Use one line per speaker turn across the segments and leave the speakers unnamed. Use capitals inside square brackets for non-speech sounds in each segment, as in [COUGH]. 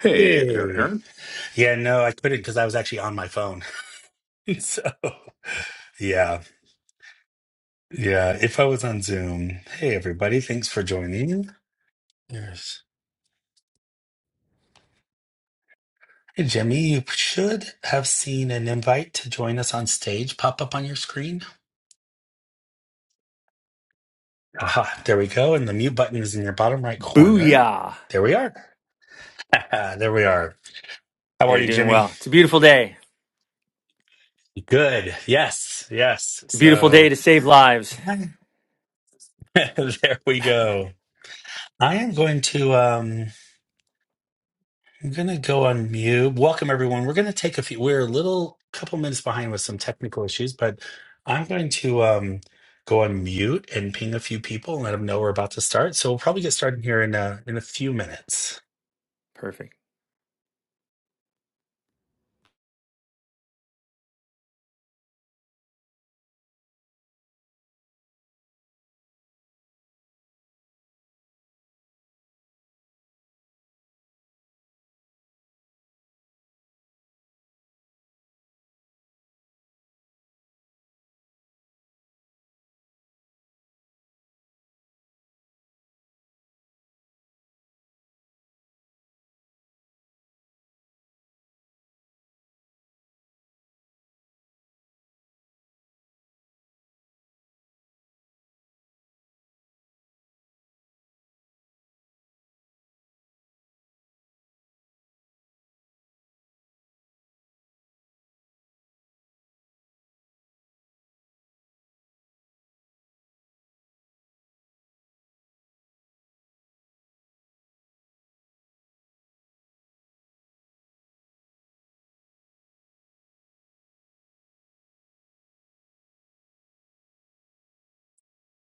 Hey, there,
Hey.
Aaron.
Yeah, no, I couldn't because I was actually on my phone. [LAUGHS] so, yeah. Yeah. If I was on Zoom. Hey, everybody. Thanks for joining. There's. Hey, Jimmy, you should have seen an invite to join us on stage pop up on your screen. Aha. There we go. And the mute button is in your bottom right corner.
Booyah.
There we are. [LAUGHS] there we are. How are
Hey,
you,
doing
Jimmy?
well. It's a beautiful day.
Good. Yes. Yes.
It's a beautiful day
So,
to save lives.
[LAUGHS] there we go. I am going to. um I'm gonna go on mute. Welcome everyone. We're gonna take a few. We're a little couple minutes behind with some technical issues, but I'm going to um, go on mute and ping a few people and let them know we're about to start. So we'll probably get started here in a, in a few minutes.
Perfect.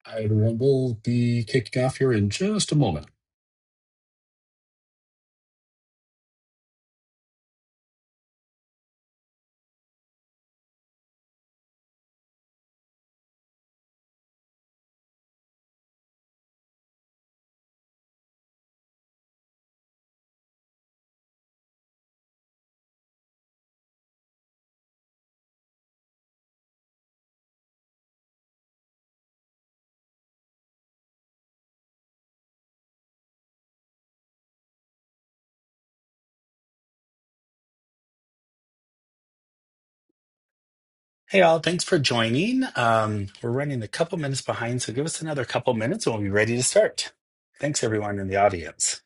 I will be kicking off here in just a moment.
Hey, all, thanks for joining. Um, we're running a couple minutes behind, so give us another couple minutes and we'll be ready to start. Thanks, everyone in the audience.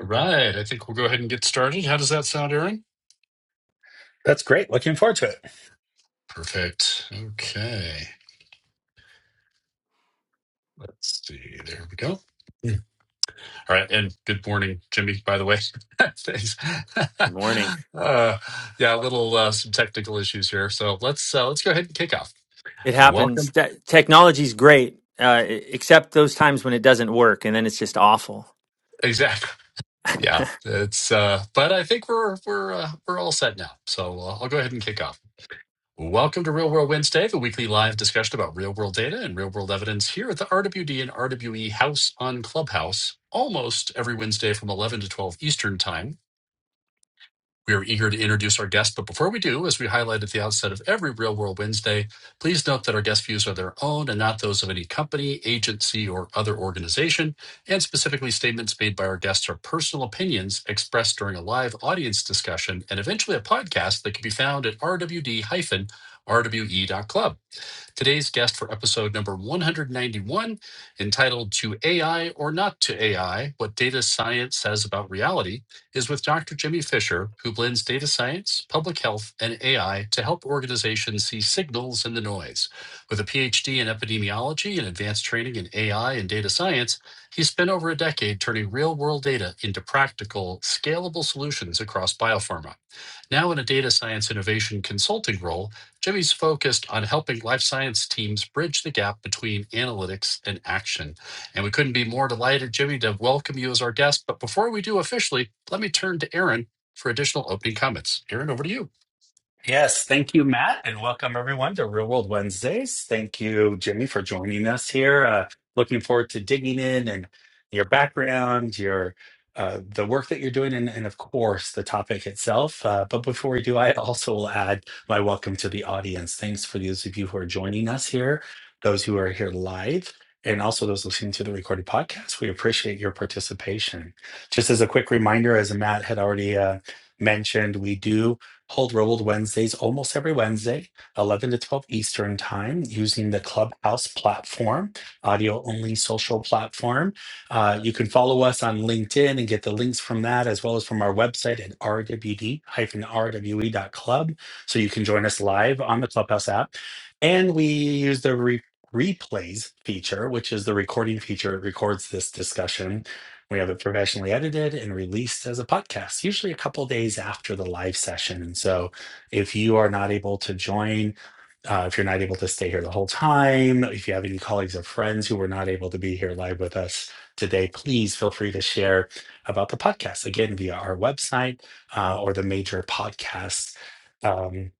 All right, I think we'll go ahead and get started. How does that sound, Aaron?
That's great. Looking forward to it.
Perfect. Okay, let's see. There we go. Yeah. All right, and good morning, Jimmy. By the way, [LAUGHS] thanks. [LAUGHS]
Good morning.
uh, yeah, a little uh, some technical issues here, so let's uh, let's go ahead and kick off.
It happens.
Welcome.
Te- Technology's great, uh, e-, except those times when it doesn't work and then it's just awful.
Exactly. Yeah, it's. Uh, but I think we're we're uh, we're all set now. So uh, I'll go ahead and kick off. Welcome to Real World Wednesday, the weekly live discussion about real world data and real world evidence here at the RWD and RWE House on Clubhouse, almost every Wednesday from 11 to 12 Eastern Time. We are eager to introduce our guests, but before we do, as we highlight at the outset of every Real World Wednesday, please note that our guest views are their own and not those of any company, agency, or other organization. And specifically, statements made by our guests are personal opinions expressed during a live audience discussion and eventually a podcast that can be found at rwd-rwe.club. Today's guest for episode number 191, entitled To AI or Not to AI What Data Science Says About Reality, is with Dr. Jimmy Fisher, who blends data science, public health, and AI to help organizations see signals in the noise. With a PhD in epidemiology and advanced training in AI and data science, he spent over a decade turning real world data into practical, scalable solutions across biopharma. Now, in a data science innovation consulting role, Jimmy's focused on helping life science teams bridge the gap between analytics and action. And we couldn't be more delighted, Jimmy, to welcome you as our guest. But before we do officially, let me turn to Aaron for additional opening comments. Aaron, over to you.
Yes, thank you, Matt, and welcome everyone to Real World Wednesdays. Thank you, Jimmy, for joining us here. Uh, looking forward to digging in and your background, your uh, the work that you're doing, and, and of course the topic itself. Uh, but before we do, I also will add my welcome to the audience. Thanks for those of you who are joining us here, those who are here live, and also those listening to the recorded podcast. We appreciate your participation. Just as a quick reminder, as Matt had already uh, mentioned, we do hold Robled Wednesdays almost every Wednesday, 11 to 12 Eastern Time, using the Clubhouse platform, audio only social platform. Uh, you can follow us on LinkedIn and get the links from that, as well as from our website at rwd-rwe.club. So you can join us live on the Clubhouse app. And we use the re- replays feature, which is the recording feature. It records this discussion we have it professionally edited and released as a podcast, usually a couple days after the live session. And so if you are not able to join, uh, if you're not able to stay here the whole time, if you have any colleagues or friends who were not able to be here live with us today, please feel free to share about the podcast again via our website uh, or the major podcast um,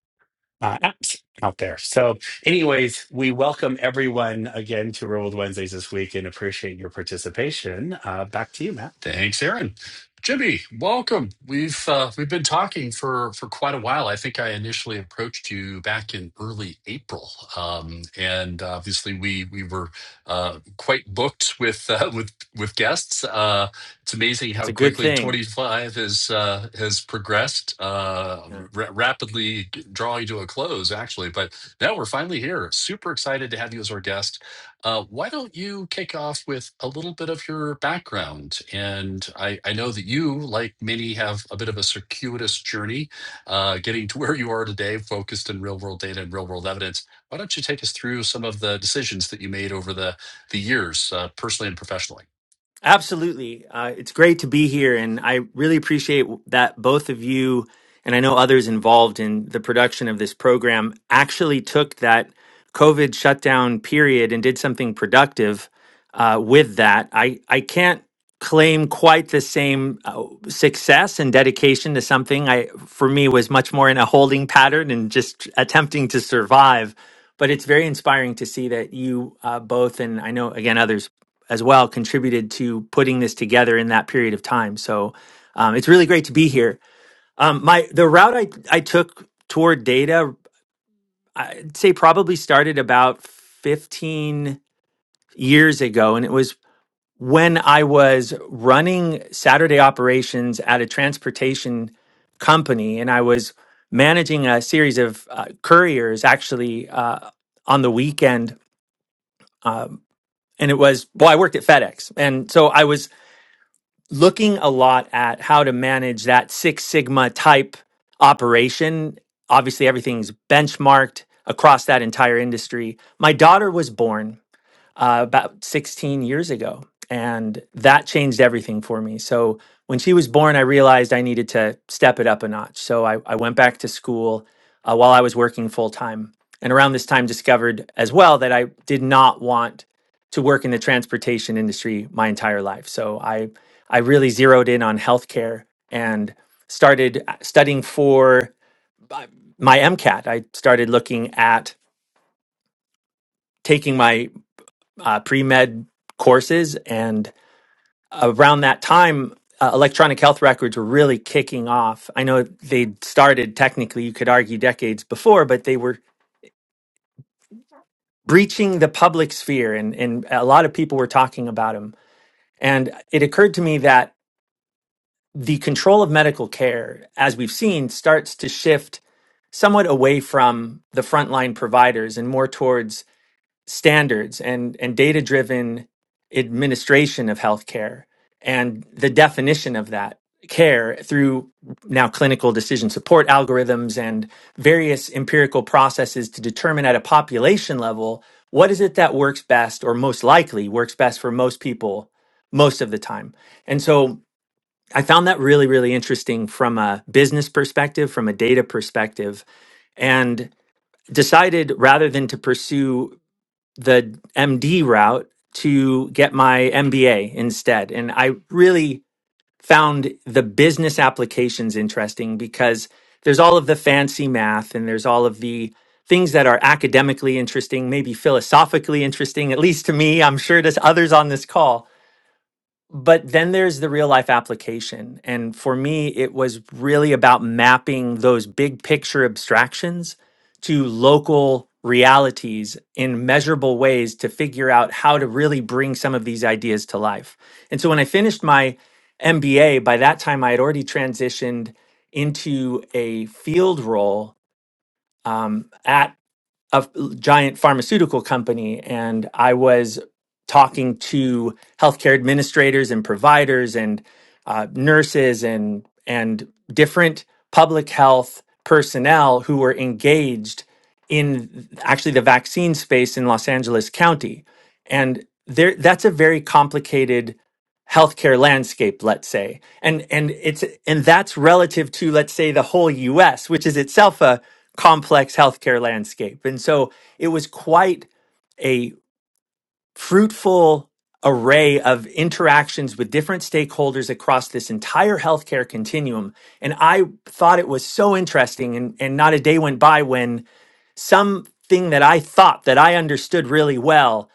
uh, apps out there. So, anyways, we welcome everyone again to Real World Wednesdays this week and appreciate your participation. Uh, back to you, Matt.
Thanks, Aaron. Jimmy, welcome. We've uh, we've been talking for for quite a while. I think I initially approached you back in early April, um, and obviously we we were uh, quite booked with uh, [LAUGHS] with with guests. Uh, it's amazing
That's
how
a good
quickly
thing.
25 has uh, has progressed, uh,
Yeah.
ra- rapidly drawing to a close, actually. But now we're finally here. Super excited to have you as our guest uh, why don't you kick off with a little bit of your background? And I, I know that you, like many, have a bit of a circuitous journey uh, getting to [LAUGHS] where you are today, focused in real world data and real world evidence. Why don't you take us through some of the decisions that you made over the, the years, uh, personally and professionally?
Absolutely. Uh, it's great to be here. And I really appreciate that both of you, and I know others involved in the production of this program, actually took that COVID shutdown period and did something productive uh, with that. I, I can't claim quite the same uh, success and dedication to something I for me was much more in a holding pattern and just attempting to survive but it's very inspiring to see that you uh, both and I know again others as well contributed to putting this together in that period of time. So um, it's really great to be here. Um, my the route I I took toward data, I'd say probably started about fifteen years ago, and it was when I was running Saturday operations at a transportation company, and I was managing a series of uh, couriers actually uh, on the weekend, um, and it was well, I worked at FedEx, and so I was looking a lot at how to manage that Six Sigma type operation. Obviously, everything's benchmarked across that entire industry. My daughter was born uh, about 16 years ago. And that changed everything for me. So when she was born, I realized I needed to step it up a notch. So I, I went back to school uh, while I was working full time. And around this time, discovered as well that I did not want to work in the transportation industry my entire life. So I, I really zeroed in on healthcare and started uh, studying for uh, my MCAT. I started looking at taking my uh, pre med courses. And around that time, uh, electronic health records were really kicking off. I know they started technically, you could argue, decades before, but they were breaching the public sphere, and, and a lot of people were talking about them. And it occurred to me that the control of medical care, as we've seen, starts to shift somewhat away from the frontline providers and more towards standards and, and data driven administration of healthcare and the definition of that care through now clinical decision support algorithms and various empirical processes to determine at a population level what is it that works best or most likely works best for most people most of the time. And so I found that really, really interesting from a business perspective, from a data perspective, and decided rather than to pursue the MD route to get my MBA instead. And I really found the business applications interesting because there's all of the fancy math and there's all of the things that are academically interesting, maybe philosophically interesting, at least to me, I'm sure to others on this call but then there's the real life application. And for me, it was really about mapping those big picture abstractions to local realities in measurable ways to figure out how to really bring some of these ideas to life. And so when I finished my MBA, by that time, I had already transitioned into a field role um, at a giant pharmaceutical company and I was talking to healthcare administrators and providers and uh, nurses and and different public health personnel who were engaged in actually the vaccine space in Los Angeles County and there that's a very complicated healthcare landscape let's say and and it's and that's relative to let's say the whole US which is itself a complex healthcare landscape and so it was quite a fruitful array of interactions with different stakeholders across this entire healthcare continuum and I thought it was so interesting and and not a day went by when something that I thought that I understood really well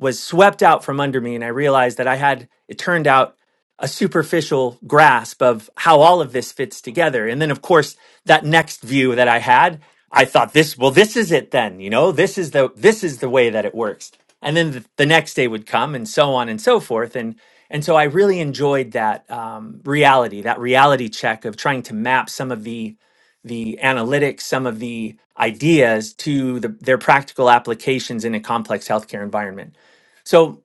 was swept out from under me and i realized that i had it turned out a superficial grasp of how all of this fits together and then of course that next view that i had i thought this well this is it then you know this is the this is the way that it works and then the, the next day would come and so on and so forth and and so i really enjoyed that um, reality that reality check of trying to map some of the the analytics some of the ideas to the, their practical applications in a complex healthcare environment so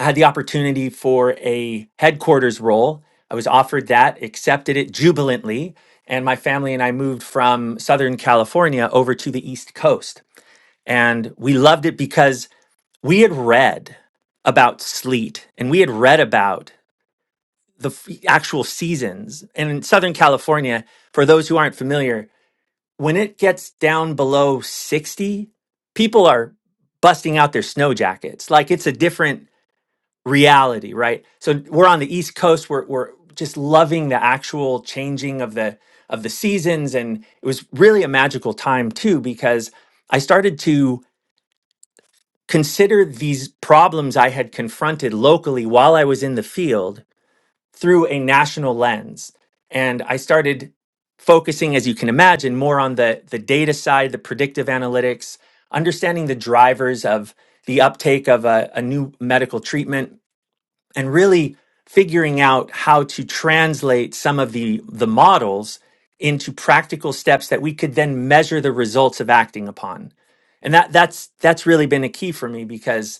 I had the opportunity for a headquarters role. I was offered that, accepted it jubilantly. And my family and I moved from Southern California over to the East Coast. And we loved it because we had read about sleet and we had read about the f- actual seasons. And in Southern California, for those who aren't familiar, when it gets down below 60, people are busting out their snow jackets. Like it's a different reality, right? So we're on the East Coast. We're we're just loving the actual changing of the of the seasons, and it was really a magical time too because I started to consider these problems I had confronted locally while I was in the field through a national lens, and I started focusing, as you can imagine, more on the the data side, the predictive analytics, understanding the drivers of the uptake of a, a new medical treatment and really figuring out how to translate some of the the models into practical steps that we could then measure the results of acting upon and that that's that's really been a key for me because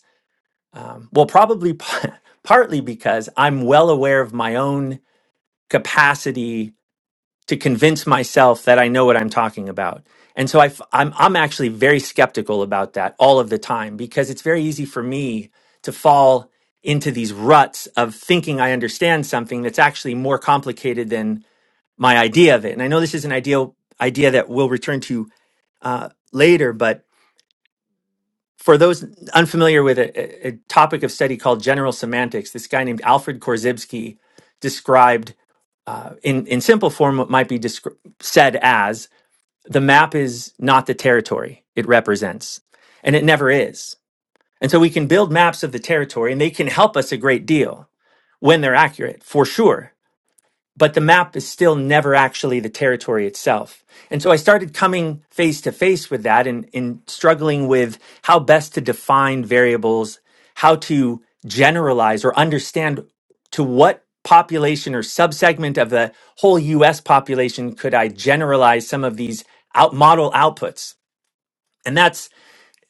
um, well probably [LAUGHS] partly because i'm well aware of my own capacity to convince myself that I know what I'm talking about. And so I, f- I'm, I'm actually very skeptical about that all of the time because it's very easy for me to fall into these ruts of thinking I understand something that's actually more complicated than my idea of it. And I know this is an ideal idea that we'll return to uh, later, but for those unfamiliar with a, a a topic of study called general semantics, this guy named Alfred Korzybski described uh, in, in simple form what might be descri- said as the map is not the territory it represents, and it never is. And so we can build maps of the territory, and they can help us a great deal when they're accurate, for sure but the map is still never actually the territory itself. And so I started coming face to face with that and, and struggling with how best to define variables, how to generalize or understand to what population or subsegment of the whole US population could I generalize some of these out model outputs. And that's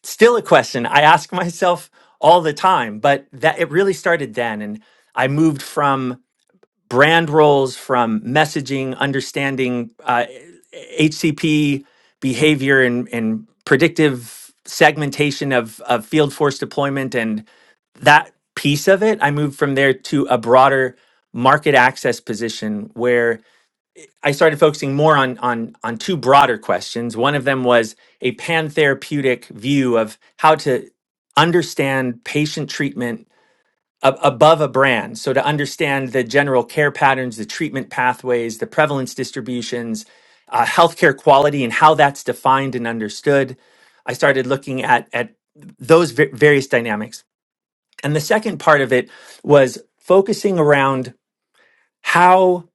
still a question I ask [LAUGHS] myself all the time, but that it really started then. And I moved from brand roles from messaging, understanding uh, HCP behavior and, and predictive segmentation of, of field force deployment and that piece of it. I moved from there to a broader market access position where I started focusing more on on on two broader questions. One of them was a pan therapeutic view of how to understand patient treatment ab- above a brand. So to understand the general care patterns, the treatment pathways, the prevalence distributions, uh, healthcare quality, and how that's defined and understood, I started looking at at those va- various dynamics. And the second part of it was focusing around how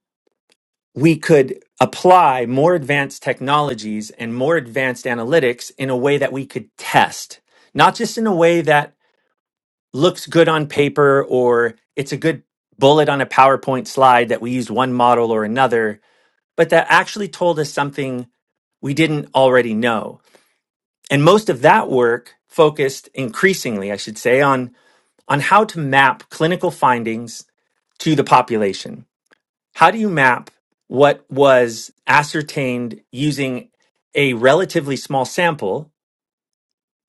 we could apply more advanced technologies and more advanced analytics in a way that we could test, not just in a way that looks good on paper or it's a good bullet on a PowerPoint slide that we used one model or another, but that actually told us something we didn't already know. And most of that work focused increasingly, I should say, on, on how to map clinical findings to the population. How do you map what was ascertained using a relatively small sample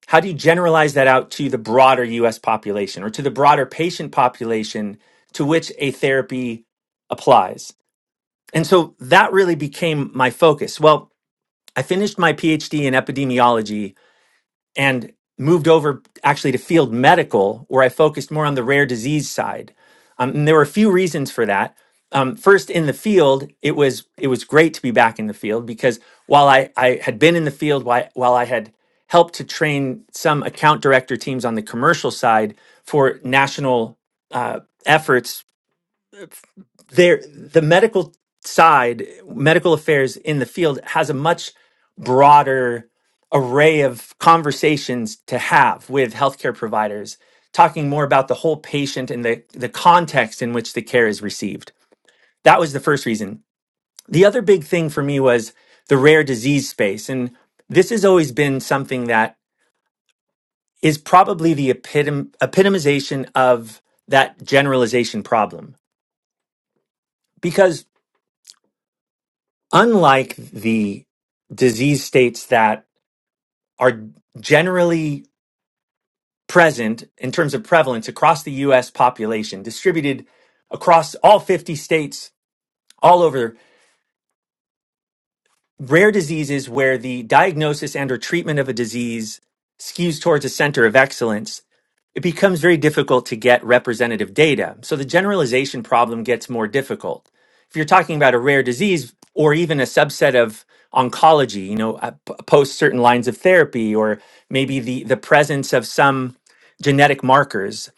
How do you generalize that out to the broader US population or to the broader patient population to which a therapy applies? And so that really became my focus. Well, I finished my PhD in epidemiology and moved over actually to field medical, where I focused more on the rare disease side. Um, and there were a few reasons for that. Um, first, in the field, it was it was great to be back in the field because while I, I had been in the field, while, while I had helped to train some account director teams on the commercial side for national uh, efforts there the medical side medical affairs in the field has a much broader array of conversations to have with healthcare providers talking more about the whole patient and the, the context in which the care is received that was the first reason the other big thing for me was the rare disease space and this has always been something that is probably the epitom- epitomization of that generalization problem because unlike the disease states that are generally present in terms of prevalence across the US population, distributed across all 50 states, all over, rare diseases where the diagnosis and or treatment of a disease skews towards a center of excellence it becomes very difficult to get representative data. So the generalization problem gets more difficult. If you're talking about a rare disease or even a subset of oncology, you know, uh, p- post certain lines of therapy or maybe the, the presence of some genetic markers,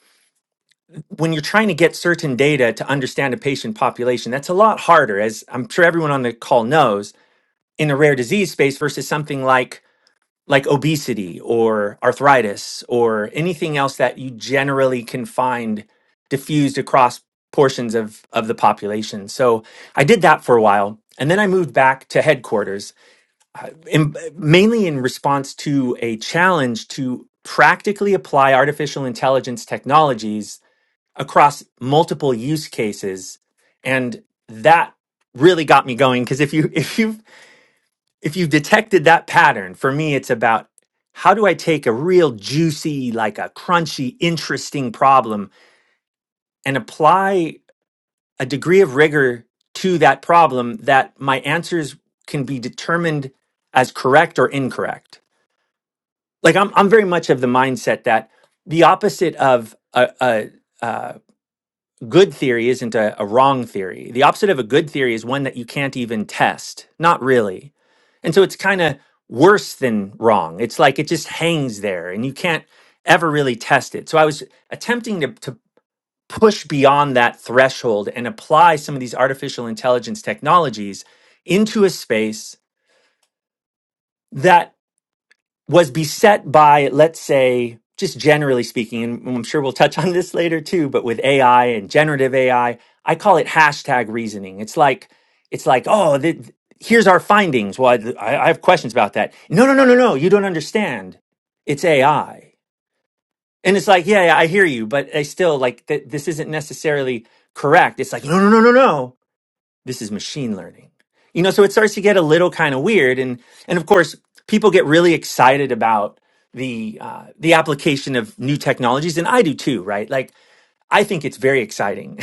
when you're trying to get certain data to understand a patient population, that's a lot harder, as I'm sure everyone on the call knows, in the rare disease space versus something like like obesity or arthritis or anything else that you generally can find diffused across portions of, of the population. So I did that for a while. And then I moved back to headquarters, in, mainly in response to a challenge to practically apply artificial intelligence technologies across multiple use cases. And that really got me going because if you [LAUGHS] if you if you've detected that pattern, for me, it's about how do I take a real juicy, like a crunchy, interesting problem and apply a degree of rigor to that problem that my answers can be determined as correct or incorrect. Like I'm, I'm very much of the mindset that the opposite of a, a, uh, good theory isn't a, a wrong theory. The opposite of a good theory is one that you can't even test, not really. And so it's kind of worse than wrong. It's like it just hangs there and you can't ever really test it. So I was attempting to, to push beyond that threshold and apply some of these artificial intelligence technologies into a space that was beset by, let's say, just generally speaking, and I'm sure we'll touch on this later too, but with AI and generative AI, I I call it hashtag reasoning. It's like, it's like, oh, th th- here's our findings. Well, I, I have questions about that. No, no, no, no, no. You don't understand. It's AI. And it's like, yeah, yeah, I hear you, but I still like, th- this isn't necessarily correct. It's like, no, no, no, no, no this is machine learning you know so it starts to get a little kind of weird and and of course people get really excited about the uh, the application of new technologies and i do too right like I think it's very exciting. [LAUGHS]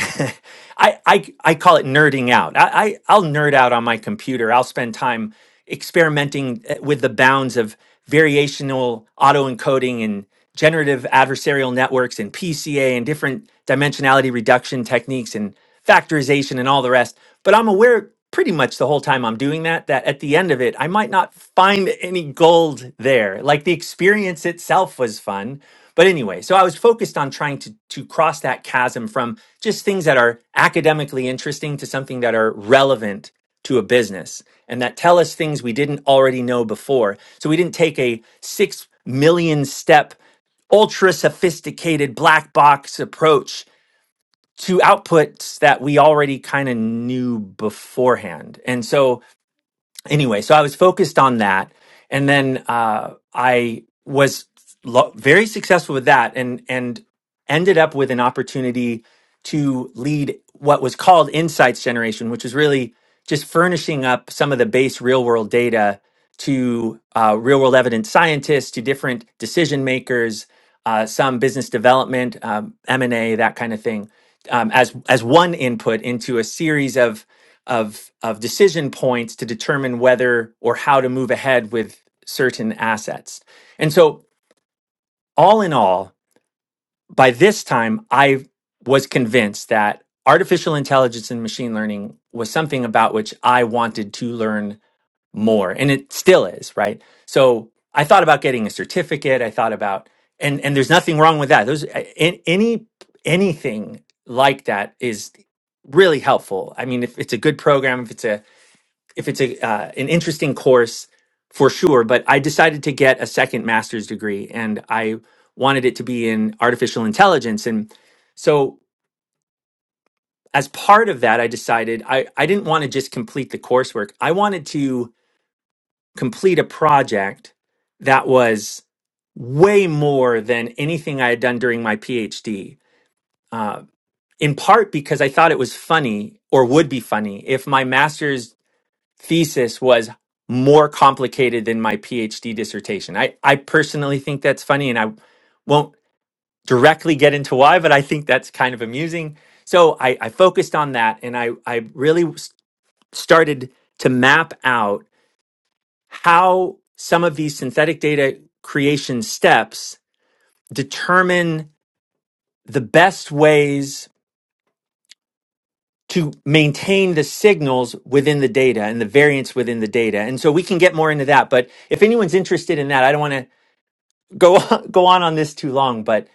I, I I call it nerding out. I, I I'll nerd out on my computer. I'll spend time experimenting uh, with the bounds of variational autoencoding and generative adversarial networks and PCA and different dimensionality reduction techniques and factorization and all the rest. But I'm aware pretty much the whole time I'm doing that that at the end of it I might not find any gold there. Like the experience itself was fun, but anyway, so I was focused on trying to to cross that chasm from just things that are academically interesting to something that are relevant to a business and that tell us things we didn't already know before. So we didn't take a 6 million step ultra sophisticated black box approach to outputs that we already kind of knew beforehand. And so anyway, so I was focused on that, and then uh, I was lo- very successful with that, and and ended up with an opportunity to lead what was called insights generation, which is really just furnishing up some of the base real world data to uh, real world evidence scientists, to different decision makers, uh, some business development, um, M and A, that kind of thing, um, as as one input into a series of of of decision points to determine whether or how to move ahead with certain assets. And so all in all, by this time I was convinced that artificial intelligence and machine learning was something about which I wanted to learn more and it still is, right? So I thought about getting a certificate, I thought about and and there's nothing wrong with that. Those a- any anything like that is really helpful. I mean, if it's a good program, if it's a if it's a uh, an interesting course for sure but i decided to get a second master's degree and i wanted it to be in artificial intelligence and so as part of that i decided i, I didn't want to just complete the coursework i wanted to complete a project that was way more than anything i had done during my phd uh, in part because i thought it was funny or would be funny if my master's thesis was more complicated than my PhD dissertation. I, I personally think that's funny and I won't directly get into why, but I think that's kind of amusing. So I, I focused on that and I, I really s- started to map out how some of these synthetic data creation steps determine the best ways to maintain the signals within the data and the variance within the data. And so we can get more into that. But if anyone's interested in that, I don't want to go [LAUGHS] on, go on on this too long, but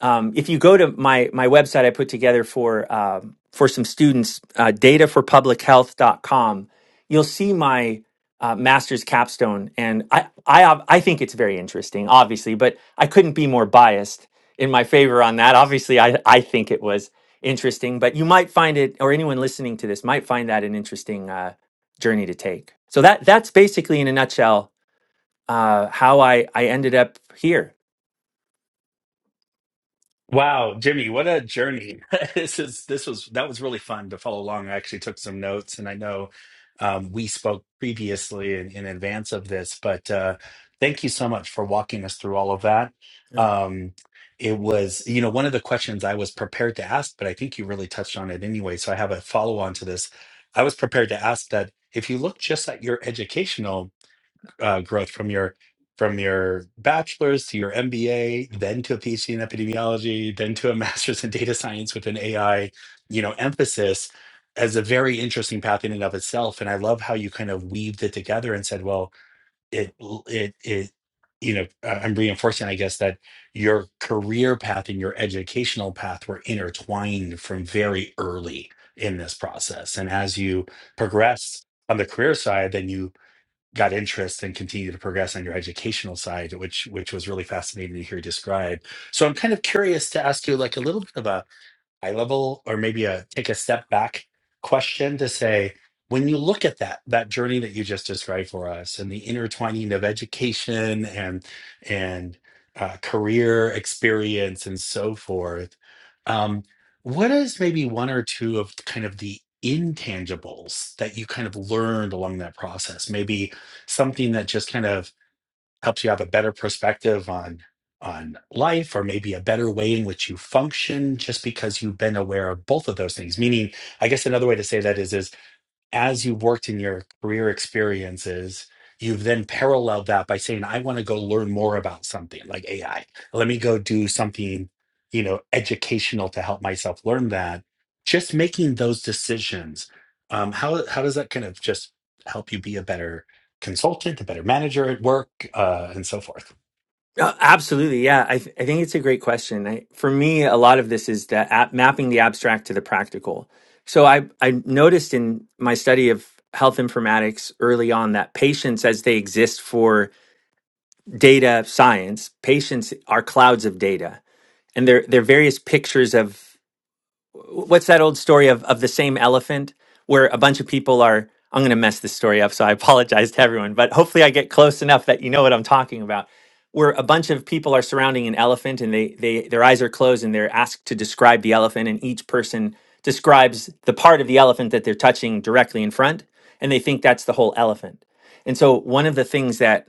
um, if you go to my my website, I put together for um, for some students uh, data for public health dot com, you'll see my uh, master's capstone, and I I ob- I think it's very interesting, obviously, but I couldn't be more biased in my favor on that. Obviously, I I think it was interesting, but you might find it, or anyone listening to this might find that an interesting uh, journey to take. So that that's basically in a nutshell uh, how I I ended up here.
Wow, Jimmy, what a journey. [LAUGHS] This is this was that was really fun to follow along. I actually took some notes and I know um, we spoke previously in, in advance of this, but uh, thank you so much for walking us through all of that.
Yeah.
Um, it was, you know, one of the questions I was prepared to ask, but I think you really touched on it anyway. So I have a follow on to this. I was prepared to ask that if you look just at your educational uh, growth from your from your bachelor's to your MBA, then to a PhD in epidemiology, then to a [LAUGHS] master's in data science with an AI, you know, emphasis as a very interesting path in and of itself. And I love how you kind of weaved it together and said, well, it it it you know, uh, I'm reinforcing, I guess, that your career path and your educational path were intertwined from very early in this process. And as you progressed on the career side, then you got interest and continued to progress on your educational side, which which was really fascinating to hear describe. So I'm kind of curious to ask you like a little bit of a High level or maybe a take a step back question to say when you look at that that journey that you just described for us and the intertwining of education and and uh, career experience and so forth um, what is maybe one or two of kind of the intangibles that you kind of learned along that process maybe something that just kind of helps you have a better perspective on on life or maybe a better way in which you function just because you've been aware of both of those things meaning i guess another way to say that is is as you've worked in your career experiences, you've then paralleled that by saying, I want to go learn more about something like AI. Let me go do something, you know, educational to help myself learn that. Just making those decisions. Um, how how does that kind of just help you be a better consultant, a better manager at work, uh, and so forth?
Uh, absolutely. Yeah. I, th- I think it's a great question. I, for me, a lot of this is the ab- mapping the abstract to the practical. So I, I noticed in my study of health informatics early on that patients, as they exist for data science, patients are clouds of data. and there, there are various pictures of what's that old story of of the same elephant where a bunch of people are I'm going to mess this story up so I [LAUGHS] apologize to everyone but hopefully I get close enough that you know what I'm talking about where a bunch of people are surrounding an elephant and they they their eyes are closed and they're asked to describe the elephant and each person describes the part of the elephant that they're touching directly in front and they think that's the whole elephant and so one of the things that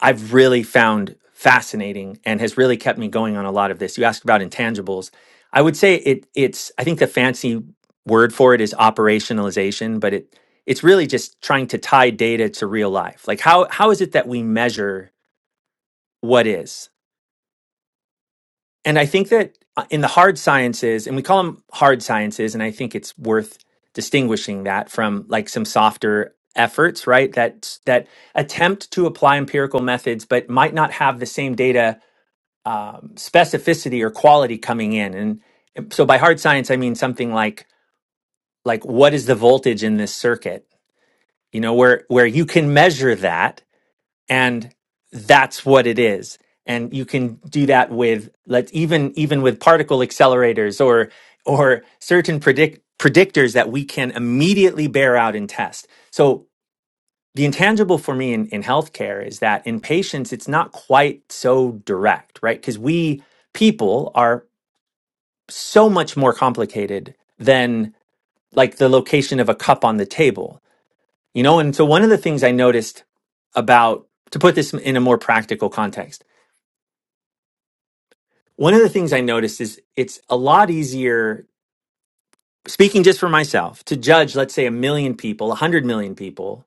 I've really found fascinating and has really kept me going on a lot of this. You asked about intangibles. I would say it it's I think the fancy word for it is operationalization, but it it's really just trying to tie data to real life. Like how how is it that we measure what is? And I think that uh, in the hard sciences, and we call them hard sciences, and I think it's worth distinguishing that from like some softer efforts, right? That that attempt to apply empirical methods but might not have the same data um, specificity or quality coming in. And and so by hard science, I mean something like like what is the voltage in this circuit? You know, where where you can measure that, and that's what it is. And you can do that with let's even even with particle accelerators or or certain predict predictors that we can immediately bear out and test. So the intangible for me in, in healthcare is that in patients, it's not quite so direct, right? Because we people are so much more complicated than like the location of a cup on the table, you know? And so one of the things I noticed about, to put this in a more practical context, one of the things I noticed is it's a lot easier, speaking just for myself, to judge, let's say, a million people, a hundred million people,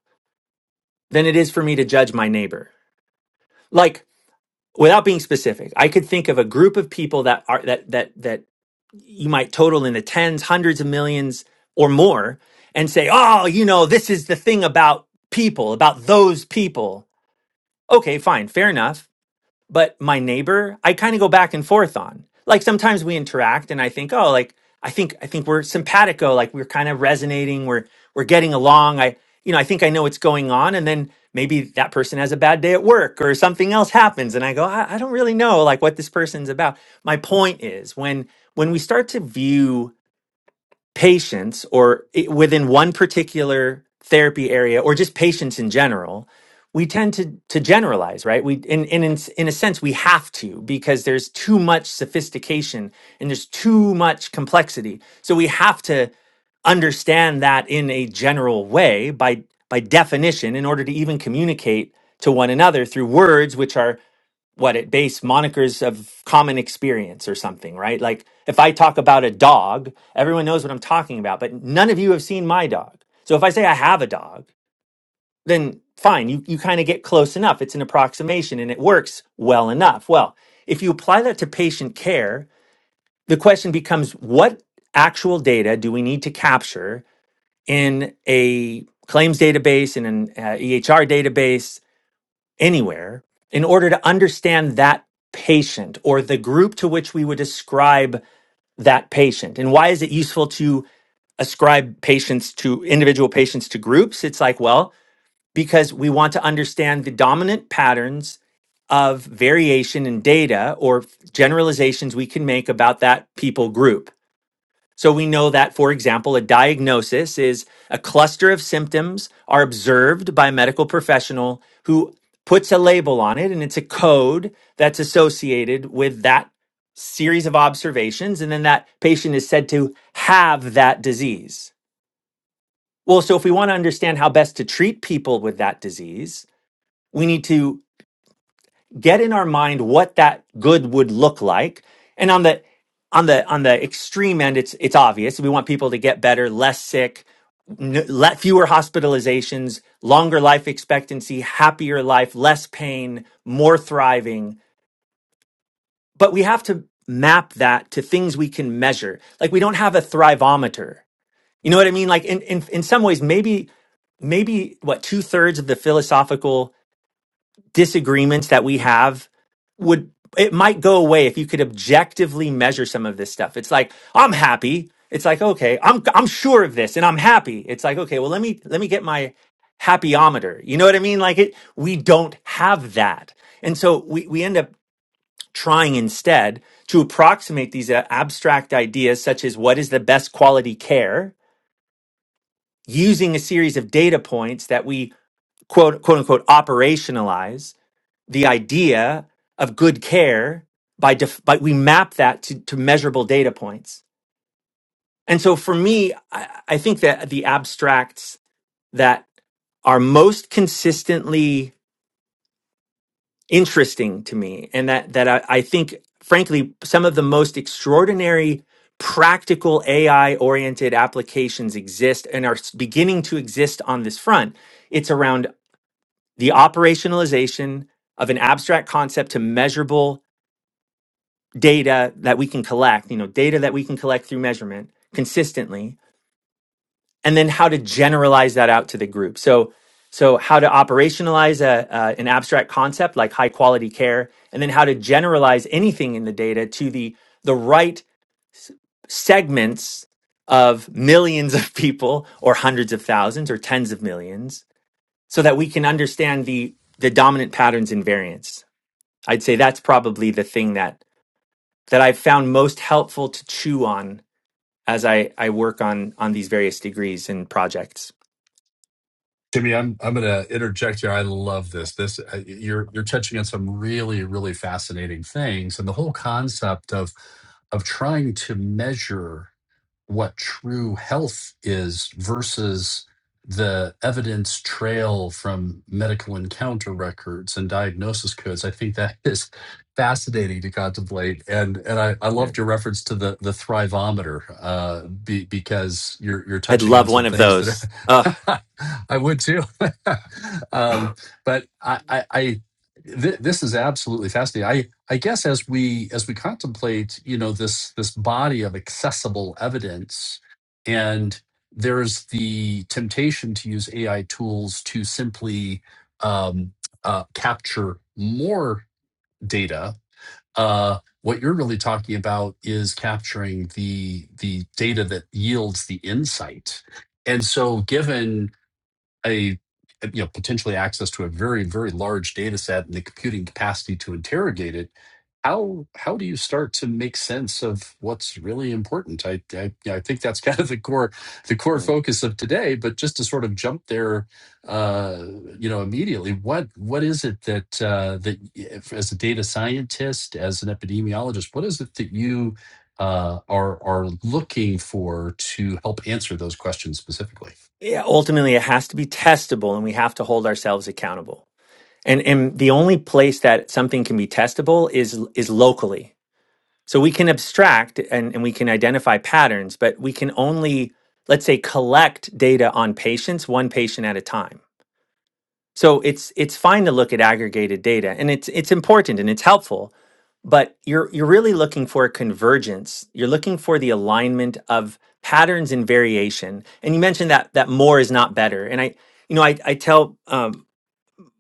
than it is for me to judge my neighbor. Like, without being specific, I could think of a group of people that are that that that you might total in the tens, hundreds of millions or more and say, oh, you know, this is the thing about people, about those people. Okay, fine, fair enough. But my neighbor, I kind of go back and forth on. Like sometimes we interact and I think, oh, like I think I think we're simpatico, like we're kind of resonating, we're we're getting along. I you know, I think I know what's going on and then maybe that person has a bad day at work or something else happens and I go, I, I don't really know like what this person's about. My point is when when we start to view patients or i- within one particular therapy area or just patients in general we tend to to generalize right we in in in, s- in a sense we have to because there's too much sophistication and there's too much complexity so we have to understand that in a general way by by definition in order to even communicate to one another through words which are what it base monikers of common experience or something, right? Like if I talk about a dog, everyone knows what I'm talking about, but none of you have seen my dog. So if I say I have a dog, then fine, you, you kind of get close enough. It's an approximation and it works well enough. Well, if you apply that to patient care, the question becomes what actual data do we need to capture in a claims database, in an uh, EHR database? anywhere in order to understand that patient or the group to which we would ascribe that patient. And why is it useful to ascribe patients to individual patients to groups? It's like, well, because we want to understand the dominant patterns of variation in data or generalizations we can make about that people group. So we know that, for example, a diagnosis is a cluster of symptoms are observed by a medical professional who puts a label on it, and it's a code that's associated with that series of observations. And then that patient is said to have that disease. Well, so if we want to understand how best to treat people with that disease, we need to get in our mind what that good would look like and on the on the on the extreme end it's it's obvious we want people to get better less sick n- le- fewer hospitalizations longer life expectancy happier life less pain more thriving but we have to map that to things we can measure like we don't have a thrivometer you know what i mean like in in, in some ways maybe maybe what two-thirds of the philosophical disagreements that we have would it might go away if you could objectively measure some of this stuff. It's like I'm happy. It's like okay, I'm I'm sure of this and I'm happy. It's like okay, well let me let me get my happyometer. You know what I mean? Like it we don't have that. And so we we end up trying instead to approximate these uh, abstract ideas such as what is the best quality care using a series of data points that we quote quote unquote operationalize the idea of good care by, def- by we map that to, to measurable data points. And so for me, I, I think that the abstracts that are most consistently interesting to me and that, that I, I think, frankly, some of the most extraordinary practical AI oriented applications exist and are s- beginning to exist on this front. It's around the operationalization of an abstract concept to measurable data that we can collect, you know, data that we can collect through measurement consistently, and then how to generalize that out to the group. So, so how to operationalize a, uh, an abstract concept like high quality care, and then how to generalize anything in the data to the the right segments of millions of people, or hundreds of thousands, or tens of millions, so that we can understand the the dominant patterns and variance. I'd say that's probably the thing that that I've found most helpful to chew on as I I work on on these various degrees and projects.
Jimmy, I'm I'm going to interject here. I love this. This uh, you're you're touching on some really really fascinating things, and the whole concept of of trying to measure what true health is versus the evidence trail from medical encounter records and diagnosis codes. I think that is fascinating to contemplate. And and I, I
Yeah.
loved your reference to the the thrivometer uh, be, because you're you're
I'd
touching
love
on some
one of
things that
those. Ugh.
are, [LAUGHS] I would too. [LAUGHS] um,
[SIGHS]
but I I, I th- this is absolutely fascinating. I guess as we as we contemplate, you know, this this body of accessible evidence, and there's the temptation to use AI tools to simply um, uh, capture more data. Uh, what you're really talking about is capturing the the data that yields the insight. And so, given a you know potentially access to a very very large data set and the computing capacity to interrogate it how how do you start to make sense of what's really important i i, yeah, I think that's [LAUGHS] kind of the core the core
Yeah.
focus of today but just to sort of jump there uh you know immediately what what is it that uh that if, as a data scientist as an epidemiologist what is it that you uh, are are looking for to help answer those questions specifically.
Yeah, ultimately, it has to be testable, and we have to hold ourselves accountable. And and the only place that something can be testable is is locally. So we can abstract and, and we can identify patterns, but we can only, let's say, collect data on patients one patient at a time. So it's it's fine to look at aggregated data and it's it's important and it's helpful, but you're you're really looking for a convergence. You're looking for the alignment of patterns and variation. And you mentioned that that more is not better. And I you know I I tell um,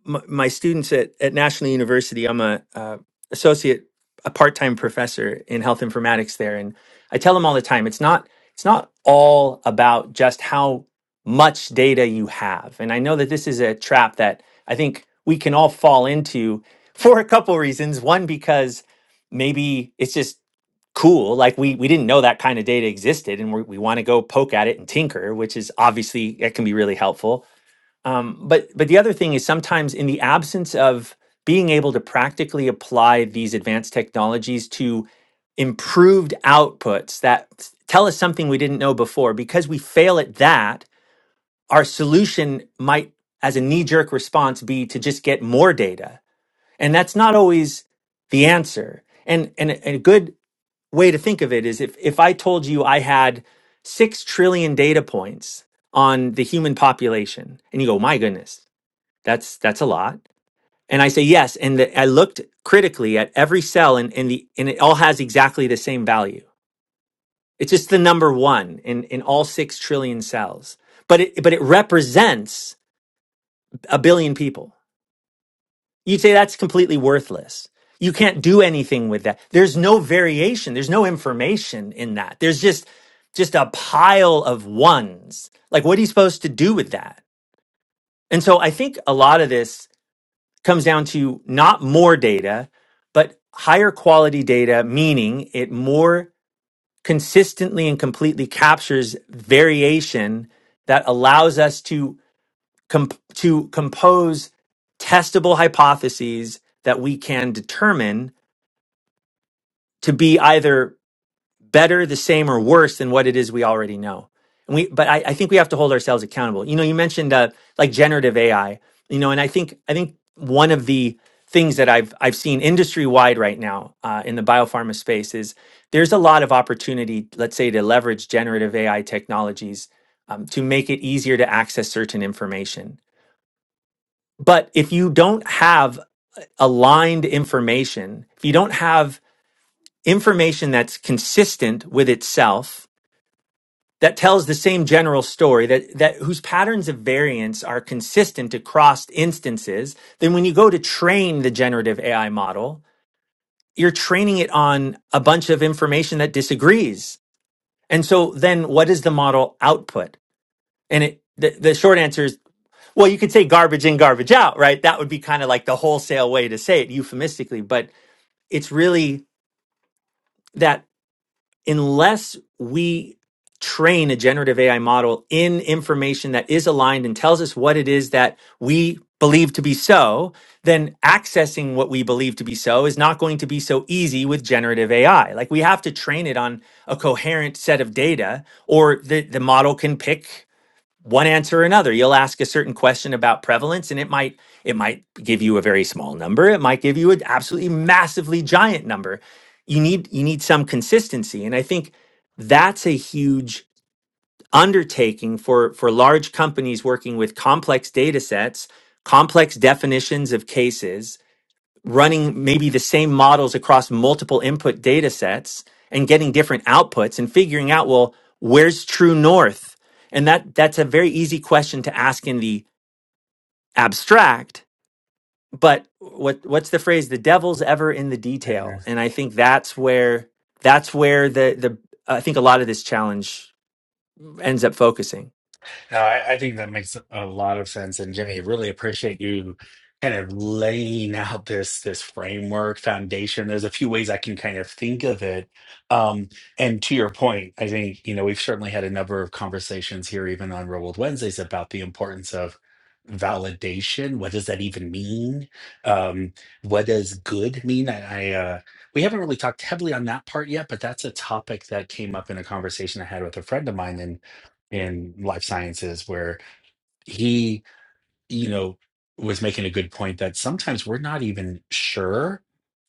my, my students at, at National University, I'm a uh, associate, a part-time professor in health informatics there, and I tell them all the time, it's not it's not all about just how much data you have, and I know that this is a trap that I think we can all fall into [LAUGHS] for a couple reasons. One, because maybe it's just cool like we we didn't know that kind of data existed and we we want to go poke at it and tinker which is obviously it can be really helpful um, but but the other thing is sometimes in the absence of being able to practically apply these advanced technologies to improved outputs that s- tell us something we didn't know before, because we fail at that, our solution might, as a knee jerk response, be to just get more data, and that's not always the answer. And and a, and a good way to think of it is if if I told you I had six trillion data points on the human population, and you go, my goodness that's that's a lot. And I say yes. And the, I looked critically at every cell, and and the and it all has exactly the same value. It's just the number one in in all six trillion cells. But it but it represents a billion people. You'd say that's completely worthless. You can't do anything with that. There's no variation. There's no information in that. There's just just a pile of ones. Like what are you supposed to do with that? And so I think a lot of this comes down to not more data, but higher quality data, meaning it more consistently and completely captures variation that allows us to comp- to compose testable hypotheses that we can determine to be either better, the same, or worse than what it is we already know. And we, but I, I think we have to hold ourselves accountable. You know, you mentioned uh, like generative AI. You know, and I think I think one of the things that I've I've seen industry wide right now uh, in the biopharma space is there's a lot of opportunity. Let's say to leverage generative AI technologies um, to make it easier to access certain information. But if you don't have aligned information, if you don't have information that's consistent with itself that tells the same general story that, that whose patterns of variance are consistent across instances, then when you go to train the generative AI model, you're training it on a bunch of information that disagrees. And so then what is the model output? And it, the, the short answer is, well, you could say garbage in, garbage out, right? That would be kind of like the wholesale way to say it euphemistically, but it's really that. unless we train a generative AI model in information that is aligned and tells us what it is that we believe to be so, then accessing what we believe to be so is not going to be so easy with generative AI. Like we have to train it on a coherent set of data, or the, the model can pick one answer or another you'll ask a certain question about prevalence and it might it might give you a very small number it might give you an absolutely massively giant number you need you need some consistency and i think that's a huge undertaking for for large companies working with complex data sets complex definitions of cases running maybe the same models across multiple input data sets and getting different outputs and figuring out well where's true north and that that's a very easy question to ask in the abstract but what what's the phrase the devil's ever in the detail and i think that's where that's where the the i think a lot of this challenge ends up focusing.
No, I, I think that makes a lot of sense. And Jimmy, really appreciate you kind of laying out this this framework foundation. There's a few ways I can kind of think of it. Um, and to your point, I think, you know, we've certainly had a number of conversations here, even on Real World Wednesdays, about the importance of validation. What does that even mean? Um, what does good mean? I, I uh we haven't really talked heavily on that part yet, but that's a topic that came up in a conversation I had with a friend of mine. and in life sciences where he, you know, was making a good point that sometimes we're not even sure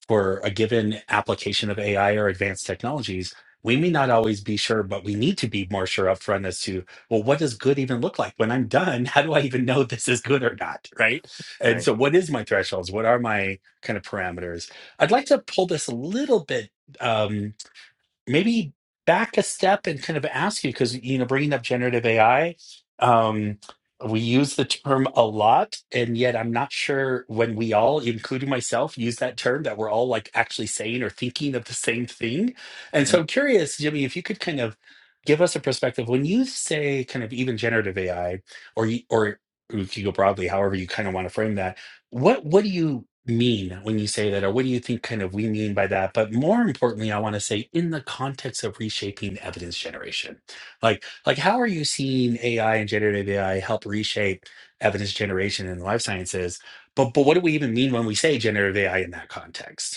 for a given application of AI or advanced technologies. We may not always be sure, but we need to be more sure upfront as to, well, what does good even look like? When I'm done, [LAUGHS] how do I even know this is good or not? Right. And so,
Right.
what is my thresholds? What are my kind of parameters? I'd like to pull this a little bit. Um, maybe back a step and kind of ask you because you know bringing up generative ai um we use the term a lot and yet i'm not sure when we all including myself use that term that we're all like actually saying or thinking of the same thing and
Mhm.
so i'm curious jimmy if you could kind of give us a perspective when you say kind of even generative ai or you or we could go broadly however you kind of want to frame that what what do you mean when you say that, or what do you think kind of we mean by that? But more importantly, I want to say in the context of reshaping evidence generation, like like how are you seeing AI and generative AI help reshape evidence generation in life sciences? But but what do we even mean when we say generative AI in that context?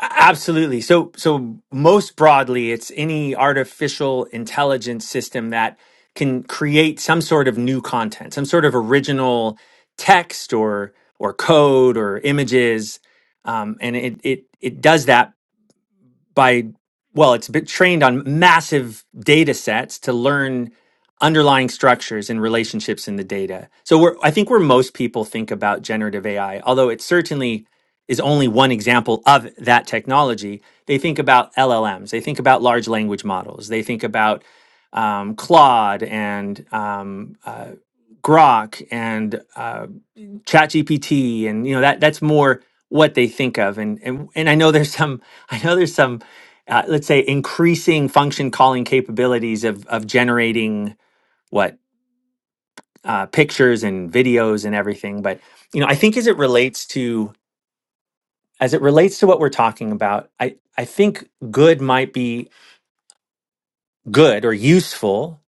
A- Absolutely. So, so most broadly, it's any artificial intelligence system that can create some sort of new content, some sort of original text or or code or images, um, and it it it does that by well it's been trained on massive data sets to learn underlying structures and relationships in the data so we're, i think where most people think about generative ai although it certainly is only one example of that technology they think about llms they think about large language models they think about um, claude and um, uh, grok and uh, ChatGPT and you know that that's more what they think of and and and I know there's some [LAUGHS] I know there's some uh, let's say increasing function calling capabilities of of generating what uh, pictures and videos and everything but you know I think as it relates to as it relates to what we're talking about I I think good might be good or useful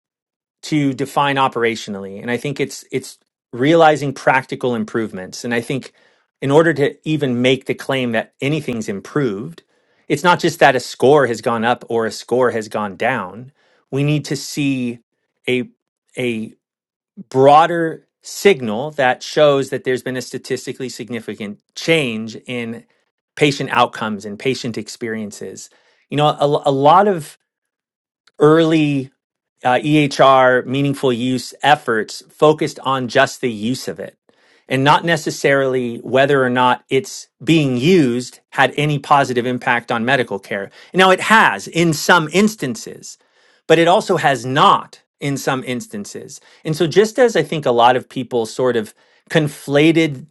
to define operationally and i think it's it's realizing practical improvements and i think in order to even make the claim that anything's improved it's not just that a score has gone up or a score has gone down we need to see a a broader signal that shows that there's been a statistically significant change in patient outcomes and patient experiences you know a, a lot of early uh, EHR meaningful use efforts focused on just the use of it and not necessarily whether or not it's being used had any positive impact on medical care. Now, it has in some instances, but it also has not in some instances. And so, just as I think a lot of people sort of conflated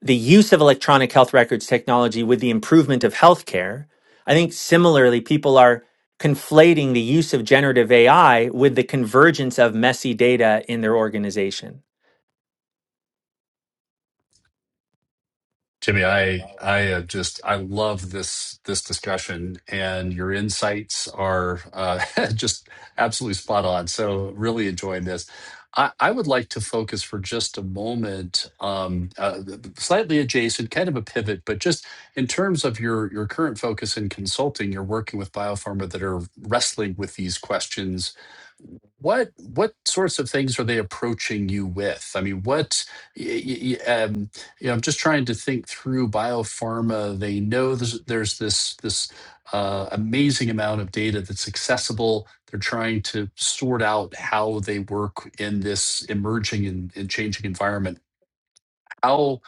the use of electronic health records technology with the improvement of healthcare, I think similarly, people are conflating the use of generative AI with the convergence of messy data in their organization.
Jimmy, I I uh, just I love this this discussion, and your insights are uh, [LAUGHS] just absolutely spot on. So really enjoying this. I, I would like to focus for just a moment, um, uh, slightly adjacent, kind of a pivot, but just in terms of your your current focus in consulting, you're working with biopharma that are wrestling with these questions. What what sorts of things are they approaching you with? I mean, what? y- y- y- um, yeah, I'm just trying to think through biopharma. They know there's, there's this this uh, amazing amount of data that's accessible. They're trying to sort out how they work in this emerging and, and changing environment. How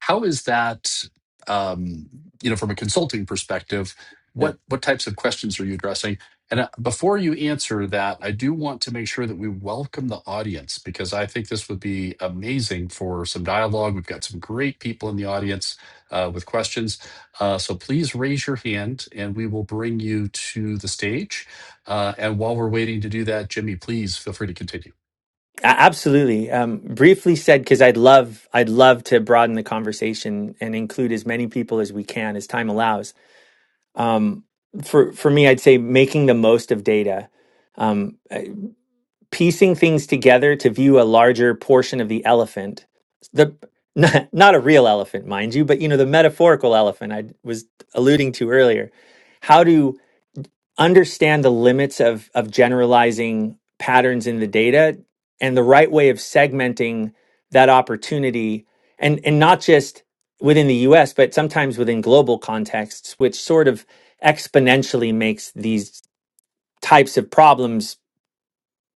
how is that, um, you know, from a consulting perspective,
Yeah.
what what types of questions are you addressing? And uh, before you answer that, I do want to make sure that we welcome the audience because I think this would be amazing for some dialogue. We've got some great people in the audience uh, with questions. Uh, so please raise your hand and we will bring you to the stage. Uh, and while we're waiting to do that, Jimmy, please feel free to continue.
A- Absolutely. Um, briefly said, because I'd love, I'd love to broaden the conversation and include as many people as we can as time allows. Um, for for me, I'd say making the most of data, um, uh, piecing things together to view a larger portion of the elephant. The [LAUGHS] not, not a real elephant, mind you, but you know the metaphorical elephant I was alluding to earlier. How do understand the limits of of generalizing patterns in the data and the right way of segmenting that opportunity and and not just within the US but sometimes within global contexts which sort of exponentially makes these types of problems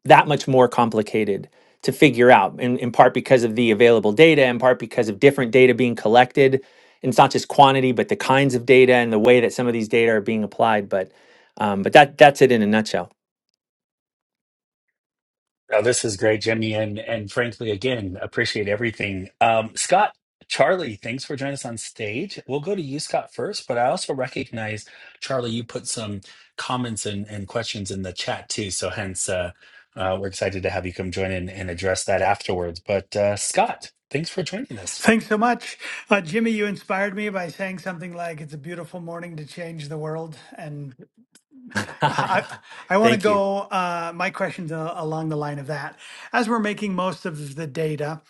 that much more complicated to figure out in, in part because of the available data in part because of different data being collected and it's not just quantity but the kinds of data and the way that some of these data are being applied but um, but that that's it in a nutshell
Now, this is great, Jimmy, and and frankly, again, appreciate everything. Um, Scott, Charlie, thanks for joining us on stage. We'll go to you, Scott, first, but I also recognize, Charlie, you put some comments and, and questions in the chat too. So hence, uh, uh, we're excited to have you come join in and address that afterwards. But uh, Scott, thanks for joining us.
Thanks so much. Uh, Jimmy, you inspired me by saying something like, it's a beautiful morning to change the world. And I, I
[LAUGHS]
want to
thank you [LAUGHS]
go, uh, my question's a, along the line of that. As we're making most of the data,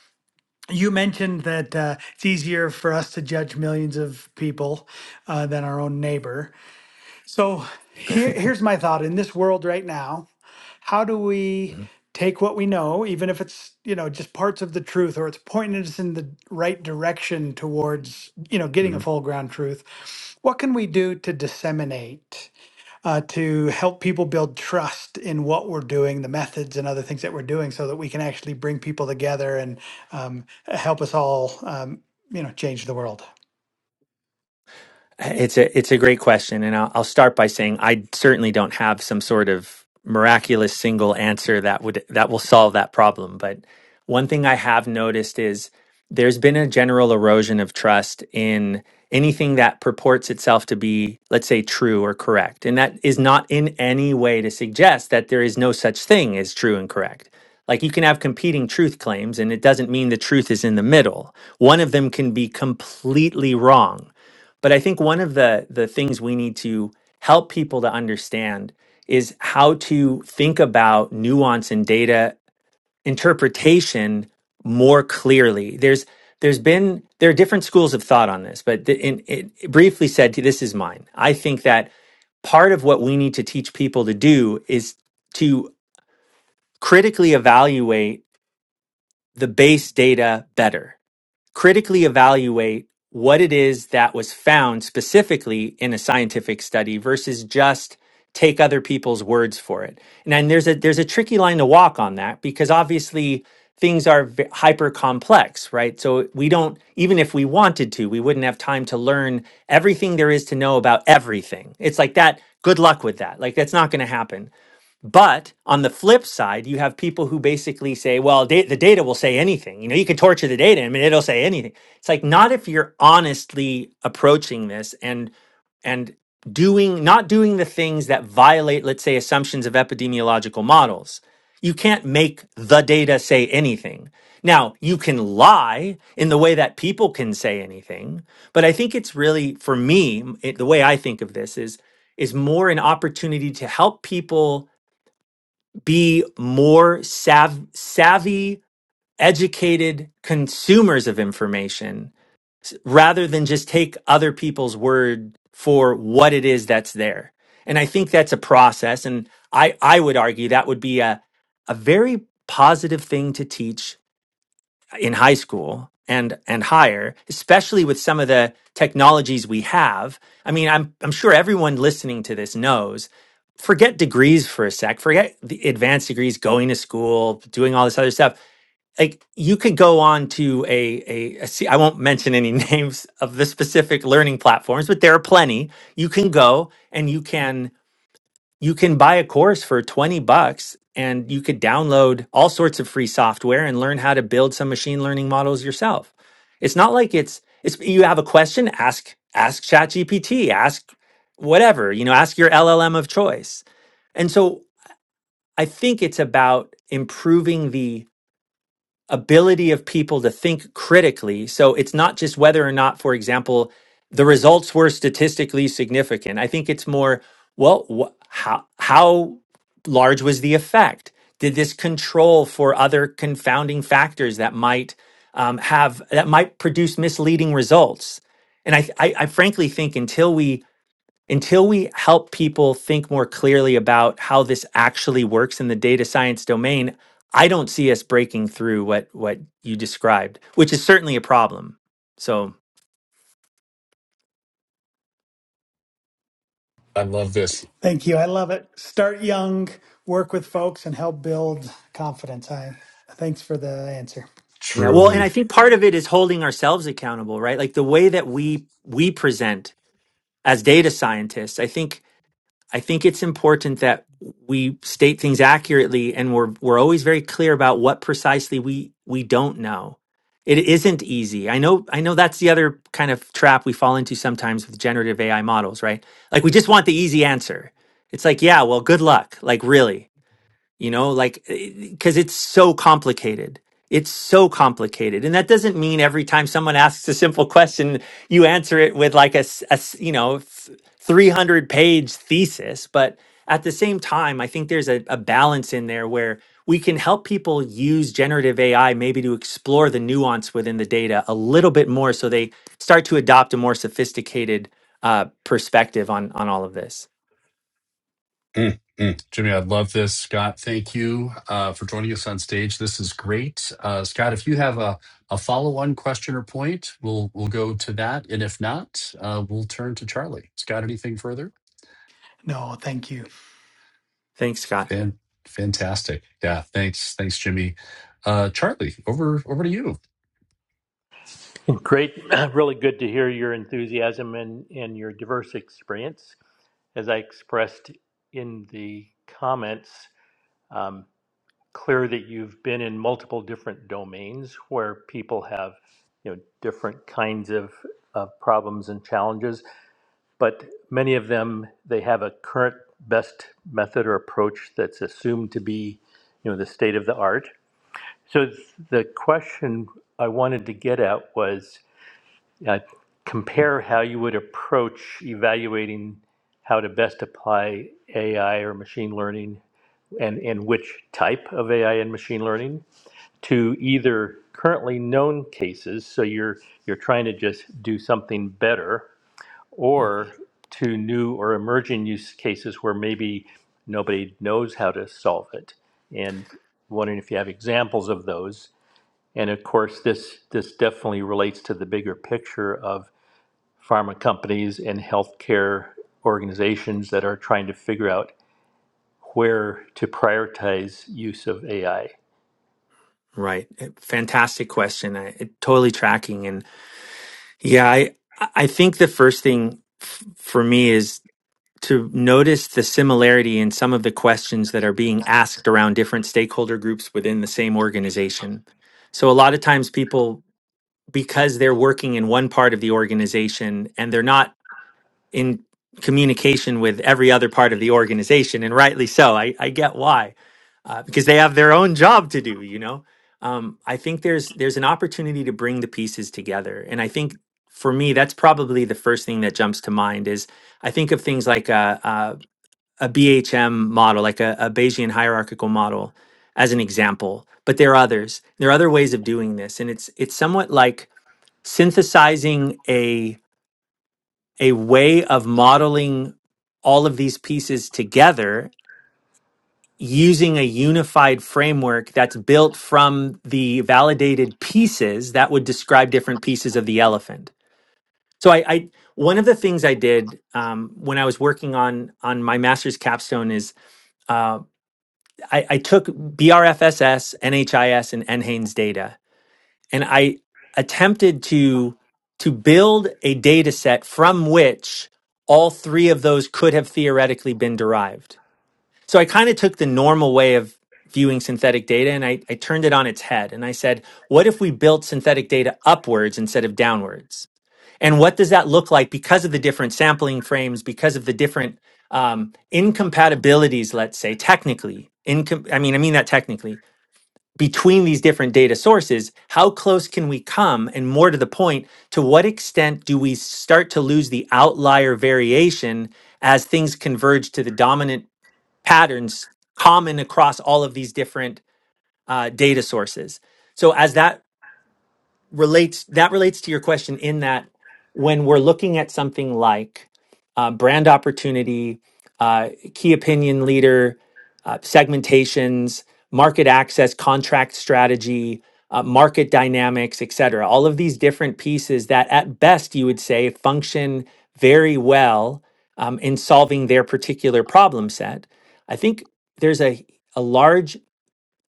you mentioned that uh, it's easier for us to judge millions of people uh, than our own neighbor. So here, here's my thought in this world right now, how do we
Mhm,
take what we know, even if it's, you know, just parts of the truth or it's pointing us in the right direction towards, you know,
mhm.
getting a full ground truth? What can we do to disseminate, uh, to help people build trust in what we're doing, the methods and other things that we're doing so that we can actually bring people together and um, help us all, um, you know, change the world?
It's a it's a great question, and I'll, I'll start by saying I certainly don't have some sort of miraculous single answer that would that will solve that problem. But one thing I have noticed is there's been a general erosion of trust in anything that purports itself to be, let's say, true or correct, and that is not in any way to suggest that there is no such thing as true and correct. Like you can have competing truth claims, and it doesn't mean the truth is in the middle. One of them can be completely wrong but I think one of the the things we need to help people to understand is how to think about nuance and data interpretation more clearly. There's there's been there are different schools of thought on this, but the, in, it briefly said this is mine. I think that part of what we need to teach people to do is to critically evaluate the base data better critically evaluate what it is that was found specifically in a scientific study versus just take other people's words for it. And then there's a there's a tricky line to walk on that because obviously things are v- hyper complex, right? So we don't even if we wanted to, we wouldn't have time to learn everything there is to know about everything. It's like that good luck with that. Like that's not going to happen. But on the flip side, you have people who basically say, well, da- the data will say anything. You know, you can torture the data. I mean, it'll say anything. It's like not if you're honestly approaching this and and doing not doing the things that violate, let's say, assumptions of epidemiological models. You can't make the data say anything. Now, you can lie in the way that people can say anything, but I think it's really for me, it, the way I think of this is is more an opportunity to help people be more sav- savvy, educated consumers of information rather than just take other people's word for what it is that's there. And I think that's a process. And I, I would argue that would be a, a very positive thing to teach in high school and and higher especially with some of the technologies we have i mean i'm i'm sure everyone listening to this knows forget degrees for a sec forget the advanced degrees going to school doing all this other stuff like you could go on to a, a, a C- I won't mention any [LAUGHS] names of the specific learning platforms but there are plenty you can go and you can you can buy a course for 20 bucks and you could download all sorts of free software and learn how to build some machine learning models yourself. It's not like it's it's you have a question, ask ask ChatGPT, ask whatever, you know, ask your LLM of choice. And so I think it's about improving the ability of people to think critically. So it's not just whether or not, for example, the results were statistically significant. I think it's more, well, wh- how how large was the effect? Did this control for other confounding factors that might um, have that might produce misleading results? And I, I, I frankly think until we until we help people think more clearly about how this actually works in the data science domain, I don't see us breaking through what what you described, which is certainly a problem. So,
I love this.
Thank you. I love it. Start young, work with folks, and help build confidence. I thanks for the answer.
yeah, well, and
Truly.
I think part of it is holding ourselves accountable, right? Like the way that we we present as data scientists. I think I think it's important that we state things accurately and we're we're always very clear about what precisely we we don't know. It isn't easy. I know I know that's the other kind of trap we fall into sometimes with generative AI models, right? Like we just want the easy answer. It's like, yeah, well, good luck. Like really you know like because it's so complicated it's so complicated and that doesn't mean every time someone asks a simple question you answer it with like a, s- a s- you know 300 page thesis but at the same time i think there's a, a balance in there where we can help people use generative ai maybe to explore the nuance within the data a little bit more so they start to adopt a more sophisticated uh, perspective on on all of this
Mm, mm. Jimmy, I'd love this. Scott, thank you uh, for joining us on stage. This is great. Uh, Scott, if you have a, a follow-on question or point, we'll we'll go to that, and if not, uh, we'll turn to Charlie. Scott, anything further?
No, thank you.
thanks scott
Fan, fantastic. Yeah, thanks, thanks, Jimmy. Uh, Charlie, over over to you.
Great, [CLEARS THROAT] really good to hear your enthusiasm and, and your diverse experience. As I expressed in the comments, um, clear that you've been in multiple different domains where people have you know different kinds of, of problems and challenges, but many of them they have a current best method or approach that's assumed to be you know the state of the art. So th- the question I wanted to get at was uh, compare how you would approach evaluating how to best apply AI or machine learning and, and which type of AI and machine learning to either currently known cases, so you're you're trying to just do something better, or to new or emerging use cases where maybe nobody knows how to solve it. And wondering if you have examples of those. And of course, this this definitely relates to the bigger picture of pharma companies and healthcare organizations that are trying to figure out where to prioritize use of AI.
Right. Eh, Fantastic question. I, it, totally tracking. And yeah, I, I think the first thing f- for me is to notice the similarity in some of the questions that are being asked around different stakeholder groups within the same organization. So a lot of times people, because they're working in one part of the organization and they're not in communication with every other part of the organization, and rightly so. I, I get why, uh, because they have their own job to do. You know, um, I think there's there's an opportunity to bring the pieces together, and I think for me that's probably the first thing that jumps to mind is I think of things like a a, BHM model, like a, a Bayesian hierarchical model, as an example. But there are others. There are other ways of doing this, and it's it's somewhat like synthesizing a way of modeling all of these pieces together using a unified framework that's built from the validated pieces that would describe different pieces of the elephant. So I, I one of the things I did um, when I was working on on my master's capstone is uh, I, I took BRFSS, NHIS, and NHANES data, and I attempted to to build a data set from which all three of those could have theoretically been derived. So I kind of took the normal way of viewing synthetic data and I, I turned it on its head and I said, what if we built synthetic data upwards instead of downwards? And what does that look like because of the different sampling frames, because of the different um, incompatibilities, let's say, technically. Incom- I mean, I mean that technically between these different data sources, how close can we come? And more to the point, to what extent do we start to lose the outlier variation as things converge to the dominant patterns common across all of these different uh, data sources? So, as that relates that relates to your question in that when we're looking at something like uh, brand opportunity, uh, key opinion leader, uh, segmentations, market access, contract strategy, uh, market dynamics, etc. All of these different pieces that, at best, you would say function very well um, in solving their particular problem set. I think there's a a large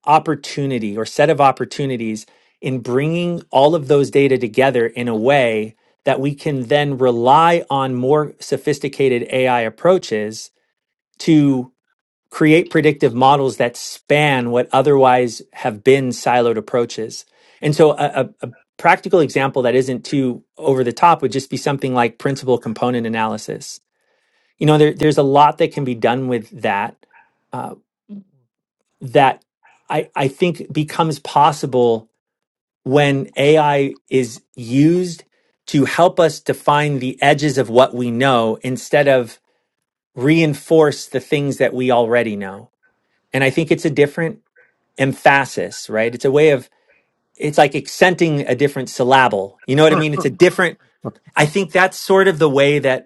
opportunity or set of opportunities in bringing all of those data together in a way that we can then rely on more sophisticated AI approaches to create predictive models that span what otherwise have been siloed approaches. And so a, a, a practical example that isn't too over the top would just be something like principal component analysis. You know, there, there's a lot that can be done with that uh, that I, I think becomes possible when AI is used to help us define the edges of what we know instead of reinforce the things that we already know. And I think it's a different emphasis, right? It's a way of, it's like accenting a different syllable. You know what I mean? It's a different, I think that's sort of the way that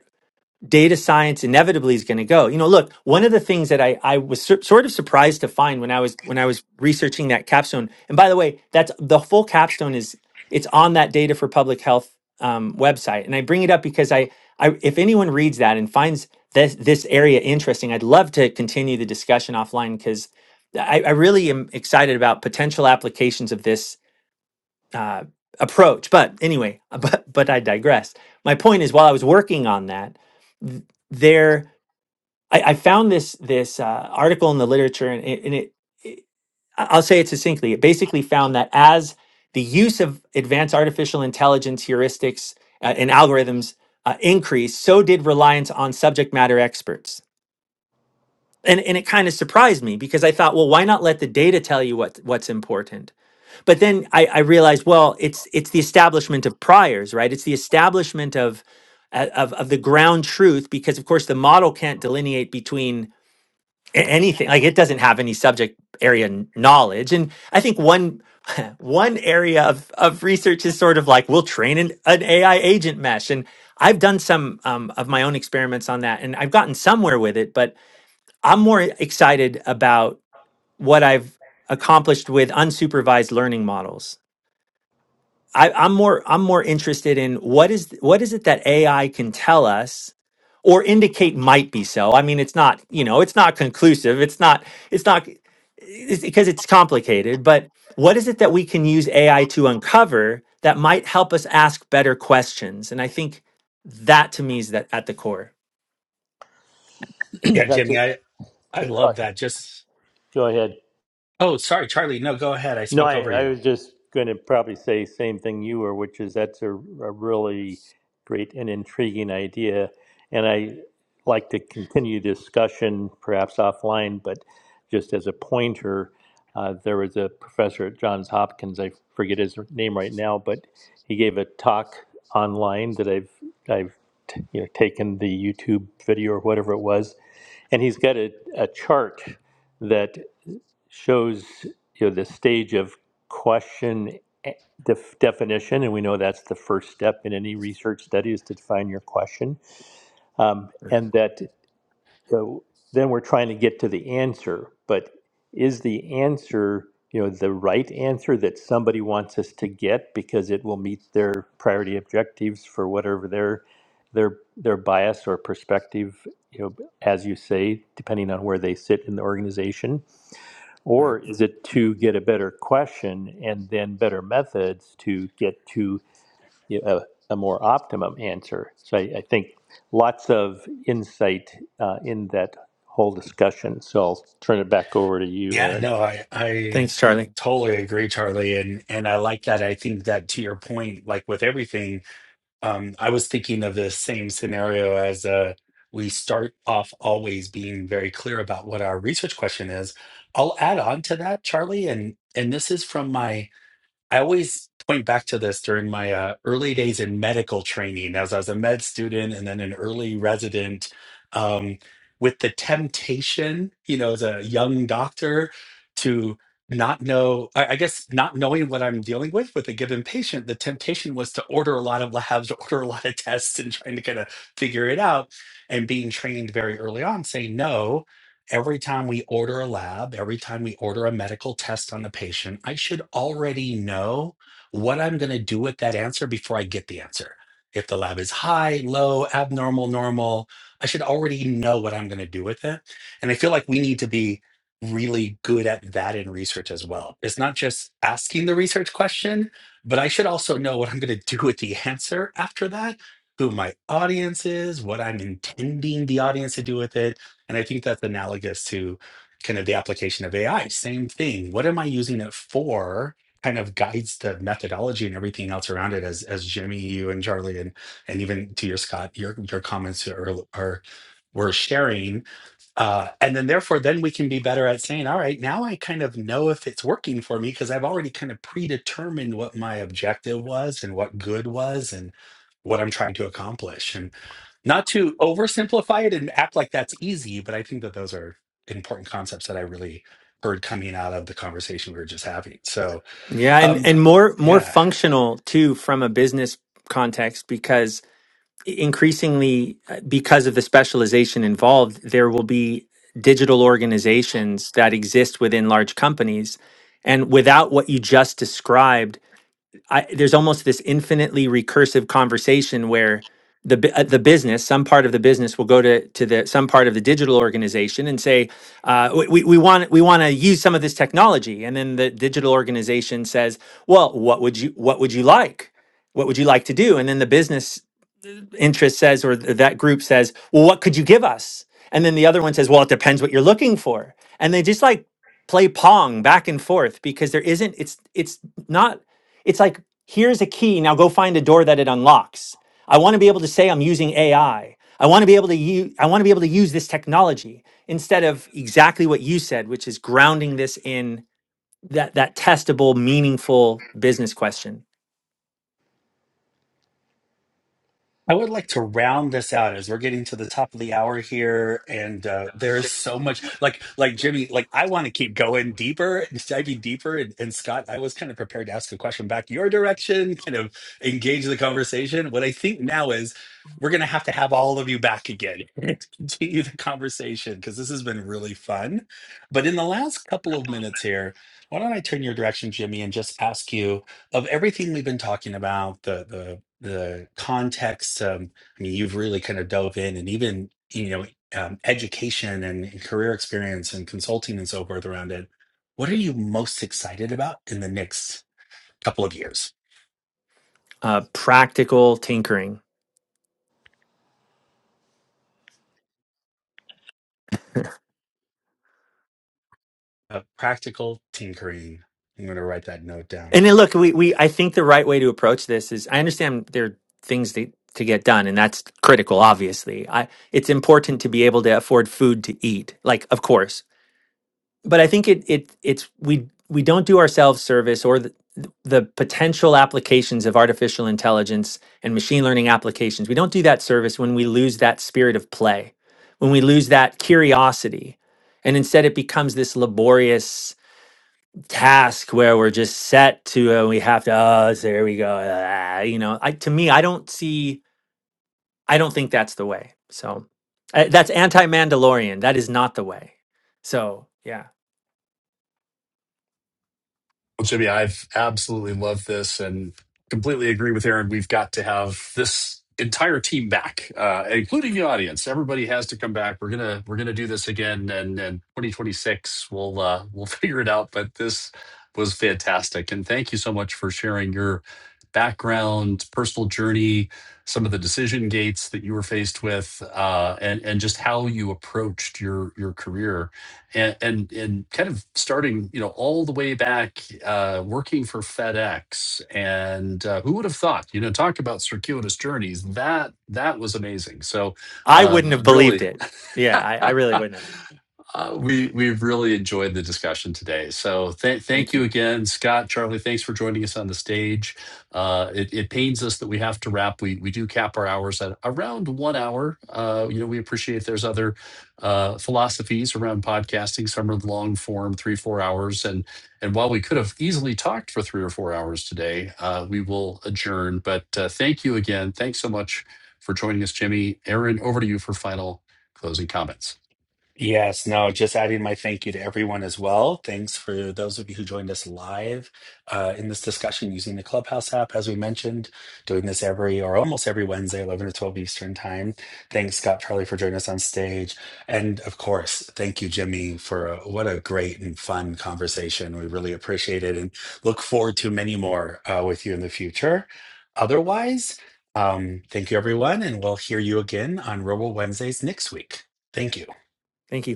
data science inevitably is going to go. You know, look, one of the things that I, I was sur- sort of surprised to find when I was when I was researching that capstone, and by the way, that's the full capstone is it's on that data for public health um, website, and I bring it up because I, I if anyone reads that and finds this this area interesting, I'd love to continue the discussion offline because I, I really am excited about potential applications of this uh, approach. But anyway, [LAUGHS] but but I digress. My point is, while I was working on that, th- there I, I found this this uh, article in the literature, and it, and it, it I- I'll say it succinctly. It basically found that as the use of advanced artificial intelligence heuristics uh, and algorithms uh, increased, so did reliance on subject matter experts. And, and it kind of surprised me because I thought, well, why not let the data tell you what, what's important? but then I, I realized, well, it's it's the establishment of priors, right? It's the establishment of uh, of of the ground truth, because of course the model can't delineate between a- anything. Like it doesn't have any subject area n- knowledge, and I think one [LAUGHS] one area of of research is sort of like we'll train an, an AI agent mesh, and I've done some um, of my own experiments on that, and I've gotten somewhere with it, but I'm more excited about what I've accomplished with unsupervised learning models I, I'm more I'm more interested in what is what is it that AI can tell us or indicate might be so. I mean, it's not you know it's not conclusive. It's not it's not it's, because it's complicated. But what is it that we can use AI to uncover that might help us ask better questions? And I think that to me is that at the core.
[CLEARS THROAT]
Yeah,
That's
Jimmy,
it.
I I love
Sorry.
that. Just
Go ahead.
oh, sorry, Charlie. No, go ahead. I
No,
spoke
I,
over you.
I was just going to probably say same thing you were, which is that's a, a really great and intriguing idea, and I like to continue discussion perhaps offline, but just as a pointer, uh, there was a professor at Johns Hopkins. I forget his name right now, but he gave a talk online that I've I've t- you know taken the YouTube video or whatever it was, and he's got a, a chart that shows you know the stage of question eh, def- definition, and we know that's the first step in any research study is to define your question, um, and that so then we're trying to get to the answer. But is the answer you know the right answer that somebody wants us to get because it will meet their priority objectives for whatever their their their bias or perspective you know as you say depending on where they sit in the organization
Right.
or is it to get a better question and then better methods to get to a, a more optimum answer? So I, I think lots of insight uh, in that whole discussion. So I'll turn it back over to you,
Yeah,
Aaron.
no, I I
Thanks, Charlie.
totally agree, Charlie, and and I like that. I think that to your point, like with everything, um, I was thinking of the same scenario as uh, we start off always being very clear about what our research question is. I'll add on to that, Charlie, and and this is from my I always point back to this during my uh, early days in medical training, as I was a med student and then an early resident, um, with the temptation, you know, as a young doctor to not know, I I guess, not knowing what I'm dealing with with a given patient, the temptation was to order a lot of labs, [LAUGHS] order a lot of tests, and trying to kind of figure it out. And being trained very early on, saying no Every time we order a lab, every time we order a medical test on the patient, I should already know what I'm going to do with that answer before I get the answer. If the lab is high, low, abnormal, normal, I should already know what I'm going to do with it. And I feel like we need to be really good at that in research as well. It's not just asking the research question, but I should also know what I'm going to [LAUGHS] do with the answer after that, who my audience is, what I'm intending the audience to do with it and I think that's analogous to kind of the application of AI. Same thing. What am I using it for? Kind of guides the methodology and everything else around it, as as Jimmy, you and Charlie, and and even to your Scott, your your comments are are were sharing uh, and then therefore then we can be better at saying all right now i kind of know if it's working for me because i've already kind of predetermined what my objective was and what good was and what i'm trying to accomplish and not to oversimplify it and act like that's easy but i think that those are important concepts that i really heard coming out of the conversation we were just having so
Yeah, and
um
and more more
yeah
functional too from a business context because increasingly uh, because of the specialization involved there will be digital organizations that exist within large companies and without what you just described I, there's almost this infinitely recursive conversation where the bu- uh, the business some part of the business will go to to the some part of the digital organization and say uh, we, we we want we want to use some of this technology and then the digital organization says well what would you what would you like what would you like to do and then the business interest says or th- that group says, "Well, what could you give us?" And then the other one says, "Well, it depends what you're looking for." And they just like play pong back and forth because there isn't it's it's not it's like here's a key, now go find a door that it unlocks. I want to be able to say I'm using AI. I I want to be able to use I want to be able to use this technology instead of exactly what you said, which is grounding this in that that testable, meaningful business question,
I would like to round this out as we're getting to the top of the hour here, and uh, there's so much. Like, like Jimmy, like I want to keep going deeper, diving deeper. And, and Scott, I was kind of prepared to ask a question back your direction, kind of engage the conversation. What I think now is we're going to have to have all of you back again [LAUGHS] to continue the conversation because this has been really fun. But in the last couple of minutes here, why don't I turn your direction, Jimmy, and just ask you of everything we've been talking about, the the the context um, i mean you've really kind of dove in and even you know um, education and, and career experience and consulting and so forth around it what are you most excited about in the next couple of years
uh, practical tinkering.
uh, practical tinkering i'm going to write that note down
And then look, we, we I think the right way to approach this is I understand there are things that, to get done, and that's critical, obviously. I it's important to be able to afford food to eat, like of course. But I think it it it's we we don't do ourselves service or the, the potential applications of artificial intelligence and machine learning applications. We don't do that service when we lose that spirit of play, when we lose that curiosity, and instead it becomes this laborious task where we're just set to and we have to oh there we go ah," you know I to me I don't see I don't think that's the way so uh, that's anti-Mandalorian that is not the way so yeah
Well, Jimmy, I've absolutely loved this and completely agree with Aaron. We've got to have this entire team back, uh, including the audience. Everybody has to come back. We're gonna we're gonna do this again, and and 2026 we'll uh, we'll [LAUGHS] figure it out. But this was fantastic, and thank you so much for sharing your background, personal journey, some of the decision gates that you were faced with, uh, and and just how you approached your your career and and and kind of starting you know all the way back uh, working for FedEx and uh, who would have thought you know talk about circuitous journeys that that was amazing so
I
uh,
wouldn't have believed
really
it yeah I, I
[LAUGHS]
really wouldn't have
Uh, we we've really enjoyed the discussion today. So th- thank
thank
you
you
again, Scott, Charlie. Thanks for joining us on the stage. Uh, it, it pains us that we have to wrap. We we do cap our hours at around one hour. Uh, you know, we appreciate there's other uh, philosophies around podcasting. Some are long form, three four hours, and and while we could have easily talked for three or four hours today, uh, we will adjourn. But uh, thank you again. Thanks so much for joining us, Jimmy. Aaron, over to you for final closing comments.
Yes, no, just adding my thank you to everyone as well. Thanks for those of you who joined us live uh, in this discussion using the Clubhouse app, as we mentioned, doing this every or almost every Wednesday, 11 to 12 Eastern Time. Thanks, Scott Charlie, for joining us on stage. And of course, thank you, Jimmy, for a, what a great and fun conversation. We really appreciate it and look forward to many more uh, with you in the future. Otherwise, um, thank you, everyone, and we'll hear you again on Robo Wednesdays next week. Thank you.
thank you